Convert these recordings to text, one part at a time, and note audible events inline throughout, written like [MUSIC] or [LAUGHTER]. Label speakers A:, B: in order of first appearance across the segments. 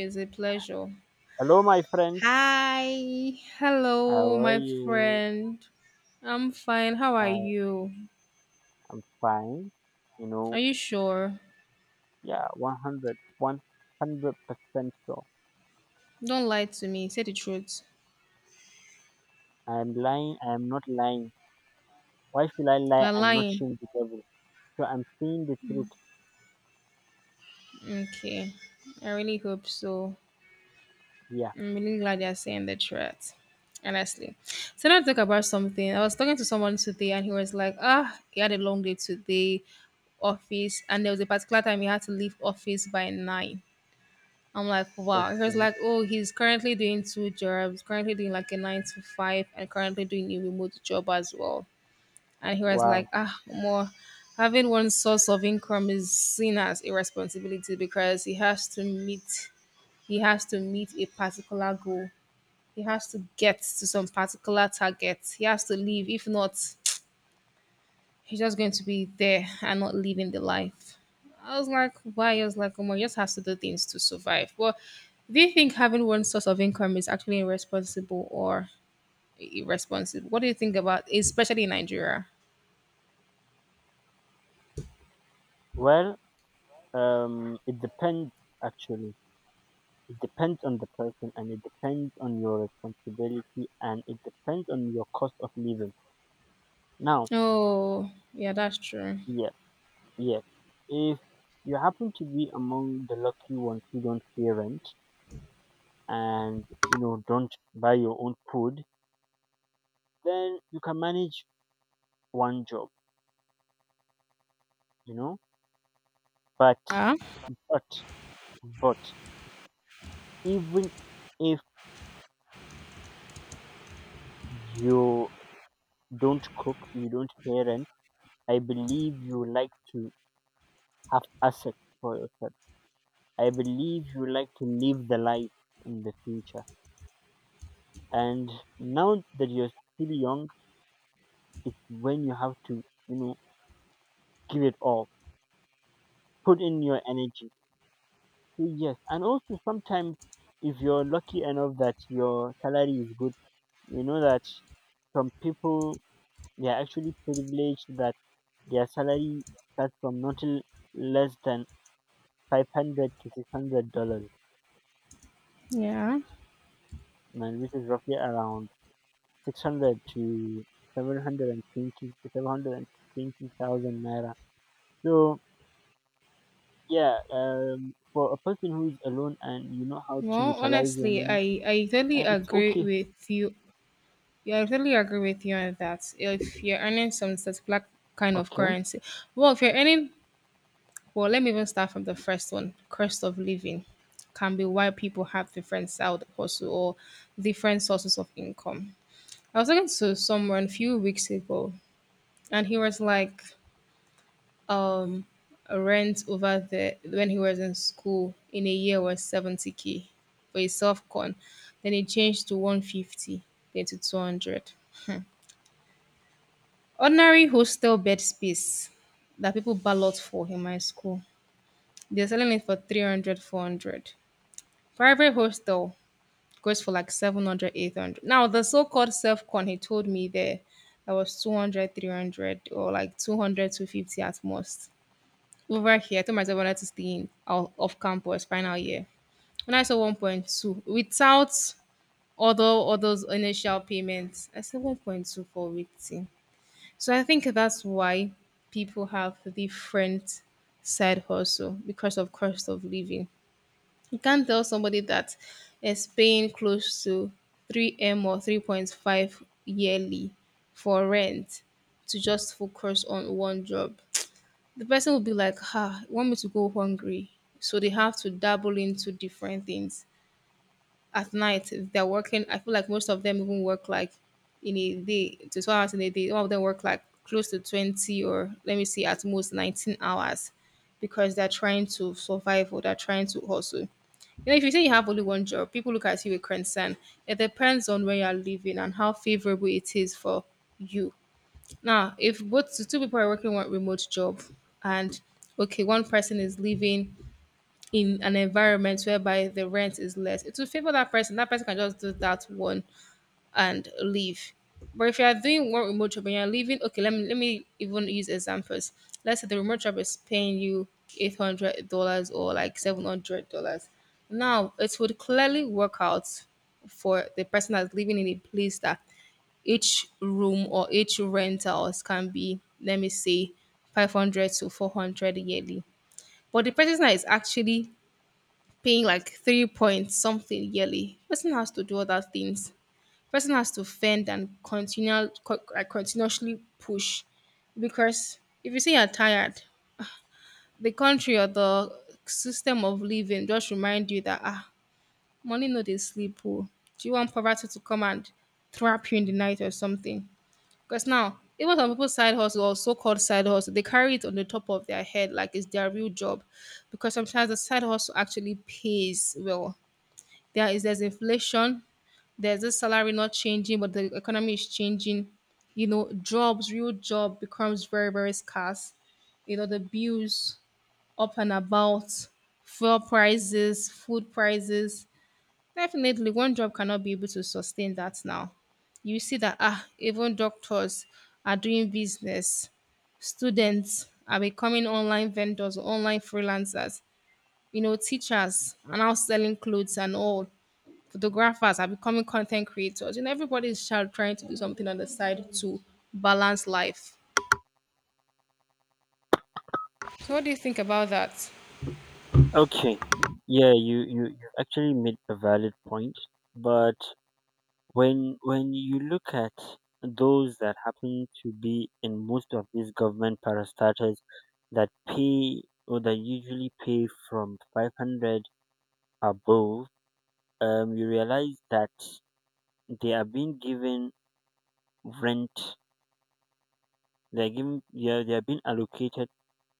A: It's a pleasure.
B: Hello, my friend.
A: Hi.
B: How
A: Hello,
B: are
A: my
B: you?
A: friend. I'm fine. How are
B: I
A: you?
B: am fine. You
A: Are
B: know,
A: you sure?
B: yeah, 100, 100% sure.
A: Don't lie to me. Say the truth.
B: I am lying. I am not lying. Why should I lie
A: You're
B: and not
A: lying.
B: shame the devil? So I'm seeing the truth
A: Okay. I really hope so.
B: here.
A: I'm really glad you're saying the truth. Honestly. So now to talk about something. I was talking to someone today and he was like, he had a long day today, office, and there was a particular time he had to leave office by nine. I'm like, wow. He was
B: Okay.
A: like, oh, he's currently doing two jobs, currently doing like a nine to five, and currently doing a remote job as well. And he was
B: Wow.
A: like, more having one source of income is seen as a responsibility because he has to meet a particular goal. He has to get to some particular target. He has to leave. If not, he's just going to be there and not living the life. I was like, why? I was like, Omar you just has to do things to survive. Well, do you think having one source of income is actually irresponsible or irresponsible? What do you think about, especially in Nigeria?
B: Well, it depends actually. It depends on the person and it depends on your responsibility and it depends on your cost of living. Now,
A: Oh, yeah, that's true.
B: yeah. Yes. If you happen to be among the lucky ones who don't pay rent and don't buy your own food, then you can manage one job, you know. But
A: Yeah,
B: but but even if you don't cook, you don't pay rent, I believe you like to have assets for yourself. I believe you like to live the life in the future. And now that you're still young, it's when you have to give it all. Put in your energy. So yes, and also sometimes if you're lucky enough that your salary is good, you know that some people they are actually privileged that their salary starts from not less than five hundred to six hundred dollars,
A: yeah.
B: and which is roughly around 600 to 720 to 720,000 naira. So yeah, for a person who is alone and you know how to
A: Well,
B: utilize your
A: honestly,
B: money.
A: I totally
B: It's
A: agree
B: okay.
A: with you. Yeah, I totally agree with you on that. If you're earning some such black kind of
B: Okay.
A: currency, well, if you're earning well, let me even start from the first one. Cost of living can be why people have different side hustle or different sources of income. I was talking to someone a few weeks ago, and he was like, um, rent over there when he was in school in a year was 70K for his self con. Then it changed to 150, then to 200. Ordinary hostel bed space that people ballot for in my school. They're selling it for 300, 400. Private hostel goes for like 700, 800. Now, the so called self con, he told me there, that was 200, 300, or like 200, 250 at most. Over here, I told myself I wanted to stay in out of campus final year. When I saw 1.2 without all those initial payments, I said 1.2 for waiting. So I think that's why people have different side hustle because of cost of living. You can't tell somebody that is paying close to 3M or 3.5 yearly for rent to just focus on one job. The person will be like, "Ha, want me to go hungry." So they have to dabble into different things. At night, if they're working, I feel like most of them even work like in a day to 12 hours in a day. Some of them work like close to 20 or let me see, at most 19 hours because they're trying to survive or they're trying to hustle. You know, if you say you have only one job, people look at you with concern. It depends on where you're living and how favorable it is for you. Now, if both the two people are working one remote job and okay, one person is living in an environment whereby the rent is less, it will favor that person. That person can just do that one and leave. But if you are doing one remote job and you're leaving, okay, let me even use examples. Let's say the remote job is paying you $800 or like $700. Now it would clearly work out for the person that's living in a place that each room or each rentals can be, let me say, 500 to 400 yearly. But the person that is actually paying like three point something yearly, person has to do all that things person has to fend and like continuously push because if you say you're tired, the country or the system of living just remind you that money no they sleep. Oh. Do you want poverty to come and trap you in the night or something? Because now, even some people's side hustle or so-called side hustle, they carry it on the top of their head like it's their real job, because sometimes the side hustle actually pays well. There's inflation, there's this salary not changing, but the economy is changing. You know, jobs, real job becomes very, very scarce. You know, the bills up and about, fuel prices, food prices. Definitely, one job cannot be able to sustain that now. You see that even doctors are doing business. Students are becoming online vendors, online freelancers. You know, teachers are now selling clothes and all photographers are becoming content creators. You know, everybody's child trying to do something on the side to balance life. So, what do you think about that?
B: Okay. Yeah, you actually made a valid point, but when you look at those that happen to be in most of these government parastatals that pay or that usually pay from 500 above, you realize that they are being given rent. They're given, yeah, they are being allocated,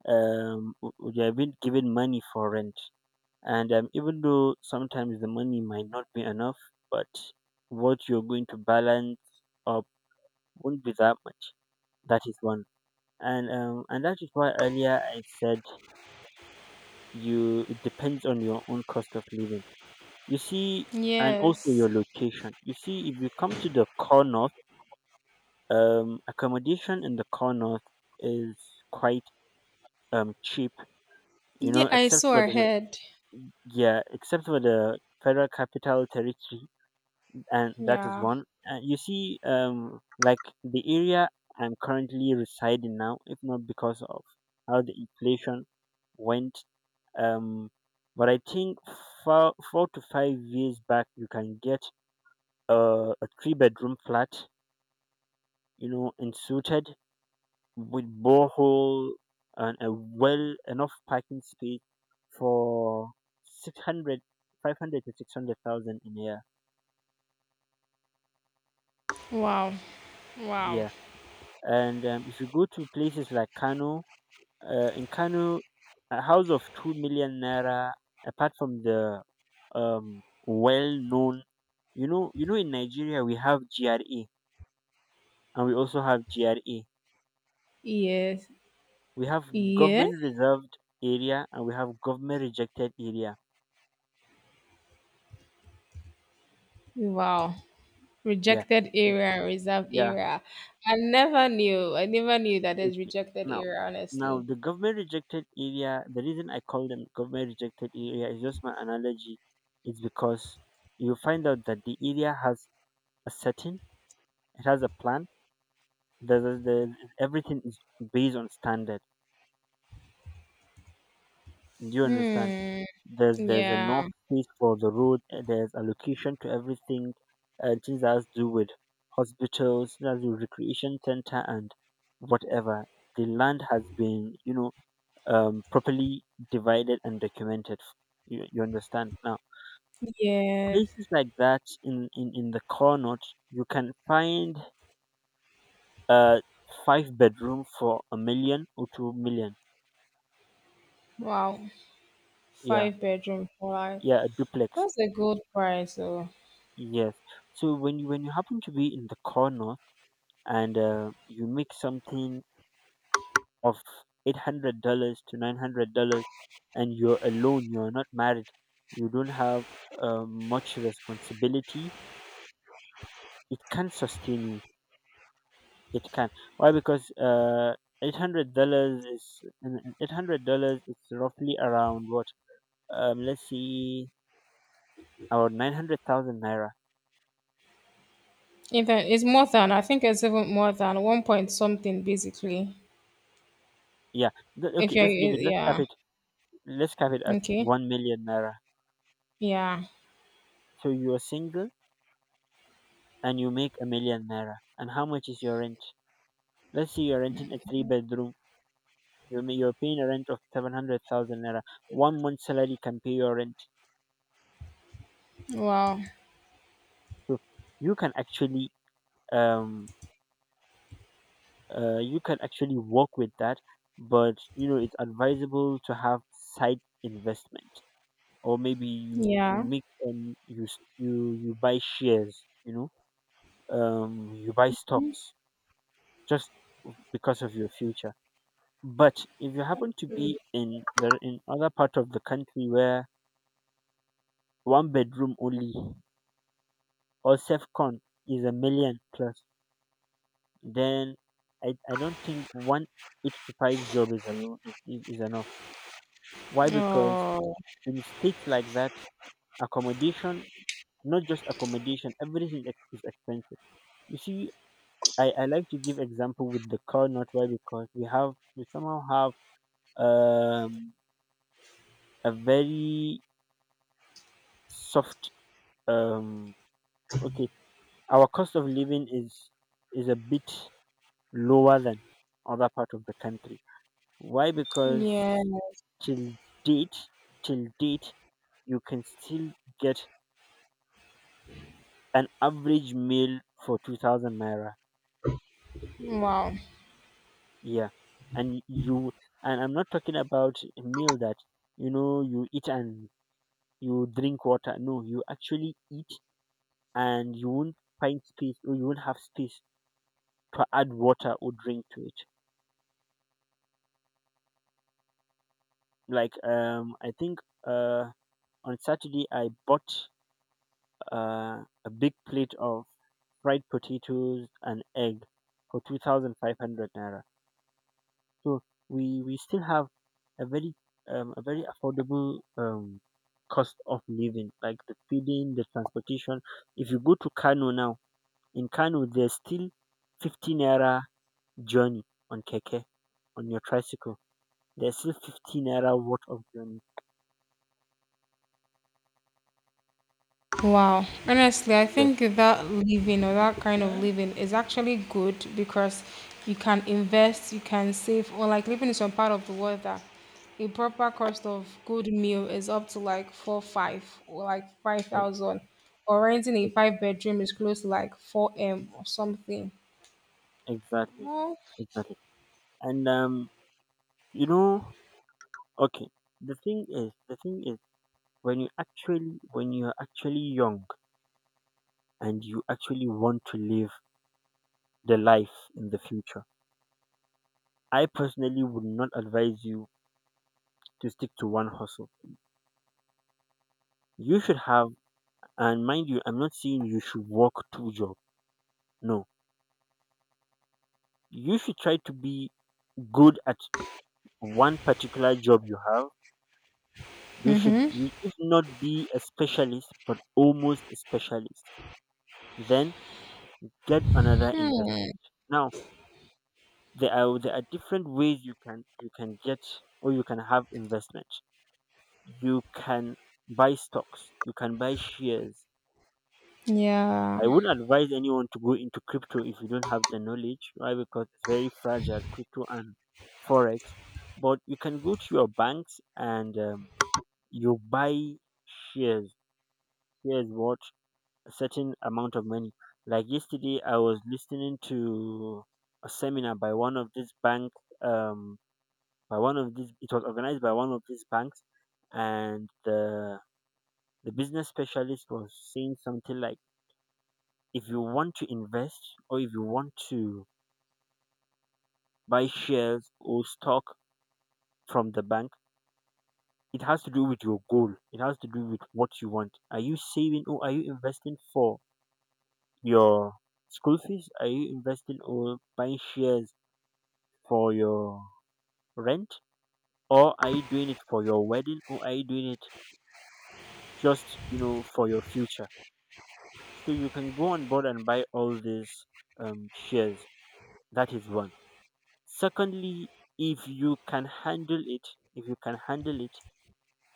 B: they are being given money for rent, and even though sometimes the money might not be enough, but what you're going to balance up won't be that much. That is one. And that is why earlier I said, you, it depends on your own cost of living, you see, and also
A: Yes.
B: your location. You see, if you come to the core north, accommodation in the core north is quite cheap, you
A: Yeah,
B: know,
A: I
B: except
A: saw
B: for
A: her
B: the,
A: head.
B: yeah, except for the Federal Capital Territory. And that is
A: Yeah.
B: one. You see, like the area I'm currently residing now, if not because of how the inflation went, um, but I think 4 to 5 years back, you can get a, a three-bedroom flat, you know, and suited with borehole and a well enough parking space for 600, 500 to 600,000 in a year.
A: Wow. Wow.
B: Yeah. And if you go to places like Kano, in Kano, a house of 2 million naira, apart from the well known, you know, in Nigeria, we have GRA and we also have GRA.
A: Yes.
B: We have
A: Yeah.
B: government reserved area and we have government rejected area.
A: Wow.
B: Yeah.
A: Rejected
B: uh,
A: area and reserved
B: yeah.
A: area. I never knew. I never knew that there's
B: Okay.
A: rejected
B: Now,
A: area,
B: now
A: honestly.
B: the government rejected area, the reason I call them government rejected area is just my analogy, is because you find out that the area has a setting, it has a plan. There's a, there's, everything is based on standard. Do you understand?
A: Hmm.
B: There's enough
A: Yeah.
B: space for the road. There's allocation to everything, and things that has to do with hospitals, things that has to do with recreation center, and whatever. The land has been, you know, properly divided and documented. You understand, now
A: Yes.
B: places like that in the core note you can find a five bedroom for a million or 2 million.
A: Wow.
B: Yeah,
A: Five bedroom for life.
B: yeah, a duplex.
A: That's a good price, though.
B: Yes. So when you happen to be in the corner and you make something of $800 to $900, and you're alone, you're not married, you don't have much responsibility. It can sustain you. It can. Why? Because $800 is, $800 is roughly around what? Let's see, about 900,000 naira.
A: Even it's more than I think it's even more than one point something basically.
B: Yeah. Okay.
A: If you're
B: Let's leave it. Let's cap
A: Yeah.
B: it. Let's cap it at
A: Okay.
B: 1 million naira.
A: Yeah.
B: So you're single and you make a million naira. And how much is your rent? Let's say you're renting a three bedroom. You're, you're paying a rent of 700,000 naira. One month salary can pay your rent.
A: Wow.
B: So you can actually, um, you can actually work with that. But, you know, it's advisable to have side investment, or maybe you, you
A: Yeah.
B: make, you, you, you buy shares, you know, you buy stocks just because of your future. But if you happen to be in the, in other part of the country where one bedroom only or Safcon is a million plus, then I don't think one eight to five job is alone is enough. Why? Because
A: Oh.
B: in states like that, accommodation, not just accommodation, everything is expensive. You see, I like to give example with the car, not why, because we have, we somehow have a very soft, um okay, our cost of living is a bit lower than other part of the country. Why? Because
A: Yeah.
B: till date, till date, you can still get an average meal for 2,000 naira.
A: Wow.
B: Yeah, and you, and I'm not talking about a meal that, you know, you eat and you drink water. No, you actually eat and you won't find space, or you won't have space to add water or drink to it. Like, I think, uh on Saturday, I bought a big plate of fried potatoes and egg for 2,500 naira. So we still have a very, a very affordable, cost of living, like the feeding, the transportation. If you go to Kano now, in Kano there's still 50 naira journey on keke, on your tricycle. There's still 50 naira worth of journey.
A: Wow. Honestly, I
B: Yes,
A: think that kind of living is actually good because you can invest, you can save, or like living in some part of the world that a proper cost of good meal is up to like four, five, or like five
B: e-
A: thousand, or renting a
B: e-
A: five bedroom is close to like 4M or something.
B: exactly,
A: Oh,
B: exactly. And you know, okay, the thing is, the thing is, when you actually, when you are actually young and you actually want to live the life in the future, I personally would not advise you to stick to one hustle. You should have, and mind you, I'm not saying you should work two jobs. No, you should try to be good at one particular job you have. You should, you, if not be a specialist, but almost a specialist. Then get another
A: hmm.
B: investment. Now, there are different ways you can, you can get, or you can have investment. You can buy stocks, you can buy shares.
A: Yeah.
B: I wouldn't advise anyone to go into crypto if you don't have the knowledge. Why? Because it's very fragile, crypto and forex. But you can go to your banks and, you buy shares, shares, what, a certain amount of money. Like yesterday I was listening to a seminar by one of this bank, um by one of these, it was organized by one of these banks, and the business specialist was saying something like, if you want to invest or if you want to buy shares or stock from the bank, it has to do with your goal, it has to do with what you want. Are you saving or are you investing for your school fees? Are you investing or buying shares for your rent? Or are you doing it for your wedding? Or are you doing it just, you know, for your future? So you can go on board and buy all these, shares. That is one. Secondly, if you can handle it, if you can handle it,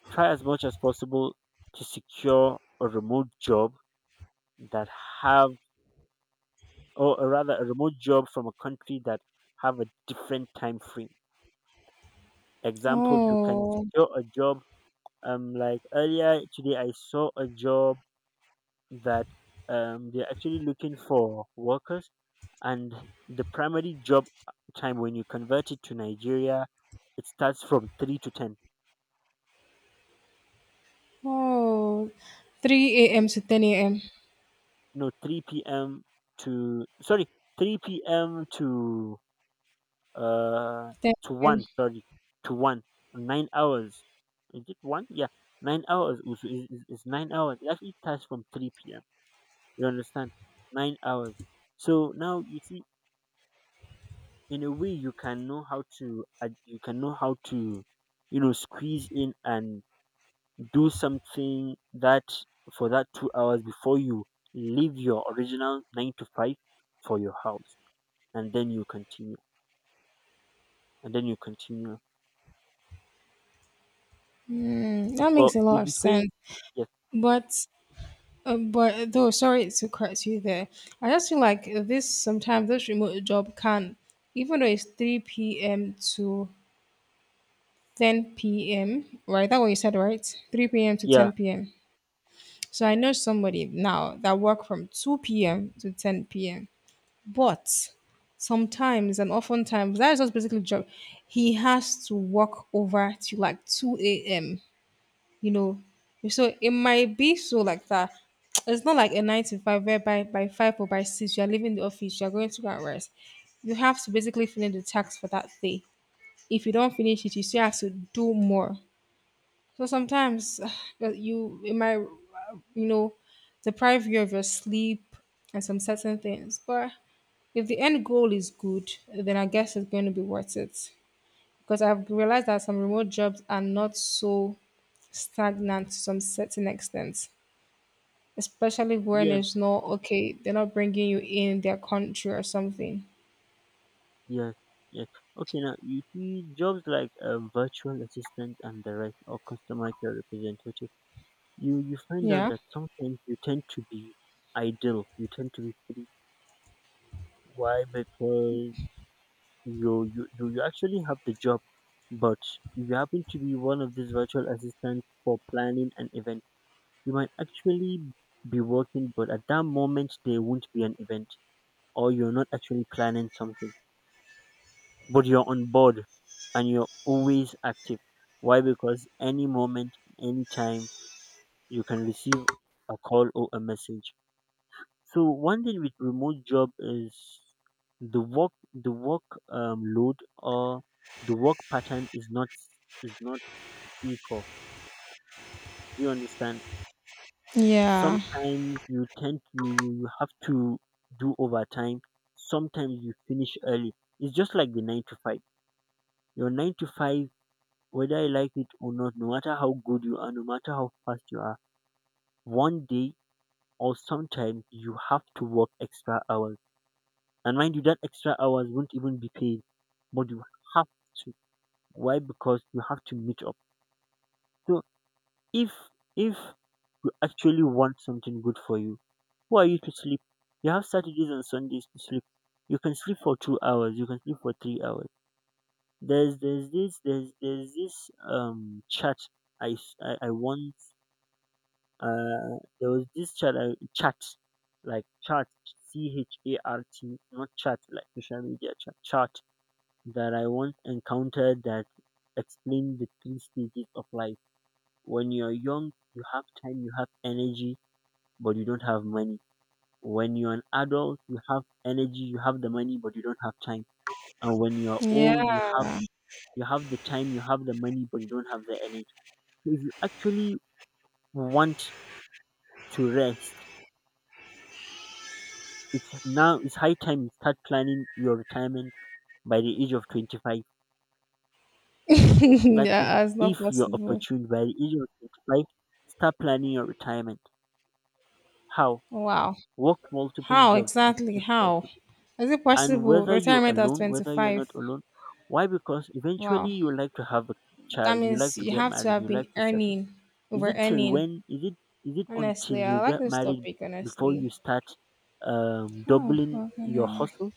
B: try as much as possible to secure a remote job that have, or rather, a remote job from a country that have a different time frame. Example, you can
A: Oh,
B: secure a job. Like earlier today, I saw a job that, they're actually looking for workers, and the primary job time, when you convert it to Nigeria, it starts from 3 to 10.
A: oh. 3 a.m.
B: Y-
A: to 10 a.m.
B: no, 3 p.m to, sorry, 3 p.m to, uh to
A: 10 a.m.
B: 1, sorry, to 1, 9 hours, is it 1? Yeah, 9 hours, also is 9 hours, it actually starts from 3 p.m, you understand, 9 hours. So now you see, in a way you can know how to, ad- you can know how to you know squeeze in and do something that, for that 2 hours, before you leave your original nine to five for your house, and then you continue, and then you continue.
A: Hmm. That
B: But
A: makes a
B: if
A: lot of
B: you say,
A: sense.
B: yes.
A: But but though, sorry to cut you there. I just feel like this, sometimes this remote job can, even though it's 3 p.m. to 10 p.m. Right, that what you said, right? 3 p.m. to
B: Yeah.
A: 10 p.m. So I know somebody now that work from 2 p.m. to 10 p.m. But sometimes and oftentimes that is just basically job. He has to work over to like 2 a.m you know. So it might be so like that. It's not like a nine to five whereby by five or by six you are leaving the office, you are going to go and rest. You have to basically finish the task for that day. If you don't finish it, you still have to do more. So sometimes [SIGHS] that you it might you know deprive you of your sleep and some certain things. But if the end goal is good, then I guess it's going to be worth it. Because I've realized that some remote jobs are not so stagnant to some certain extent, especially when
B: Yes.
A: it's not okay, they're not bringing you in their country or something.
B: Yes. Yes. Okay. Now you see, jobs like a virtual assistant and the rest, or customer care representative, you find out
A: Yeah.
B: that sometimes you tend to be idle, you tend to be. Why? Because you, you actually have the job, but if you happen to be one of these virtual assistants for planning an event, you might actually be working, but at that moment there won't be an event, or you're not actually planning something, but you're on board and you're always active. Why? Because any moment, any time, you can receive a call or a message. So one thing with remote job is, the work, the work, load, or the work pattern is not, is not equal. Do you understand?
A: Yeah.
B: Sometimes you tend, you have to do overtime. Sometimes you finish early. It's just like the nine to five. Your nine to five, whether you like it or not, no matter how good you are, no matter how fast you are, one day, or sometimes, you have to work extra hours. And mind you, that extra hours won't even be paid, but you have to. Why? Because you have to meet up. So if if you actually want something good for you, who are you to sleep? You have Saturdays and Sundays to sleep. You can sleep for 2 hours. You can sleep for 3 hours. There's this, there's this, chat, I once, there was this chat, I, chat, like chat, CHART, not chat like social media chat chat, that I once encountered, that explained the three stages of life. When you're young, you have time, you have energy, but you don't have money. When you're an adult, you have energy, you have the money, but you don't have time. And when you're
A: Yeah.
B: old, you have,
A: [LAUGHS]
B: you have the time, you have the money, but you don't have the energy. So if you actually want to rest, it's now, it's high time you start planning your retirement by the age of 25. That
A: Yeah, it's
B: if
A: not
B: you're
A: possible.
B: opportune by the age of 25, start planning your retirement. How?
A: Wow.
B: Work multiple
A: How
B: jobs,
A: exactly?
B: if
A: How?
B: possible.
A: Is it
B: And
A: possible?
B: whether you're
A: Retirement at
B: alone, whether you're
A: 25.
B: not alone, why? Because eventually
A: Wow.
B: you like to have a
A: That
B: child, you like
A: means
B: to
A: you
B: get
A: have to
B: married,
A: have
B: you
A: been
B: like to settle.
A: earning,
B: Is
A: over
B: it till
A: earning.
B: when? Is it, is it
A: Honestly,
B: until
A: I
B: you
A: like
B: get
A: this
B: married
A: topic,
B: before you
A: honestly.
B: start, doubling
A: Fucking
B: your
A: hell.
B: hustle?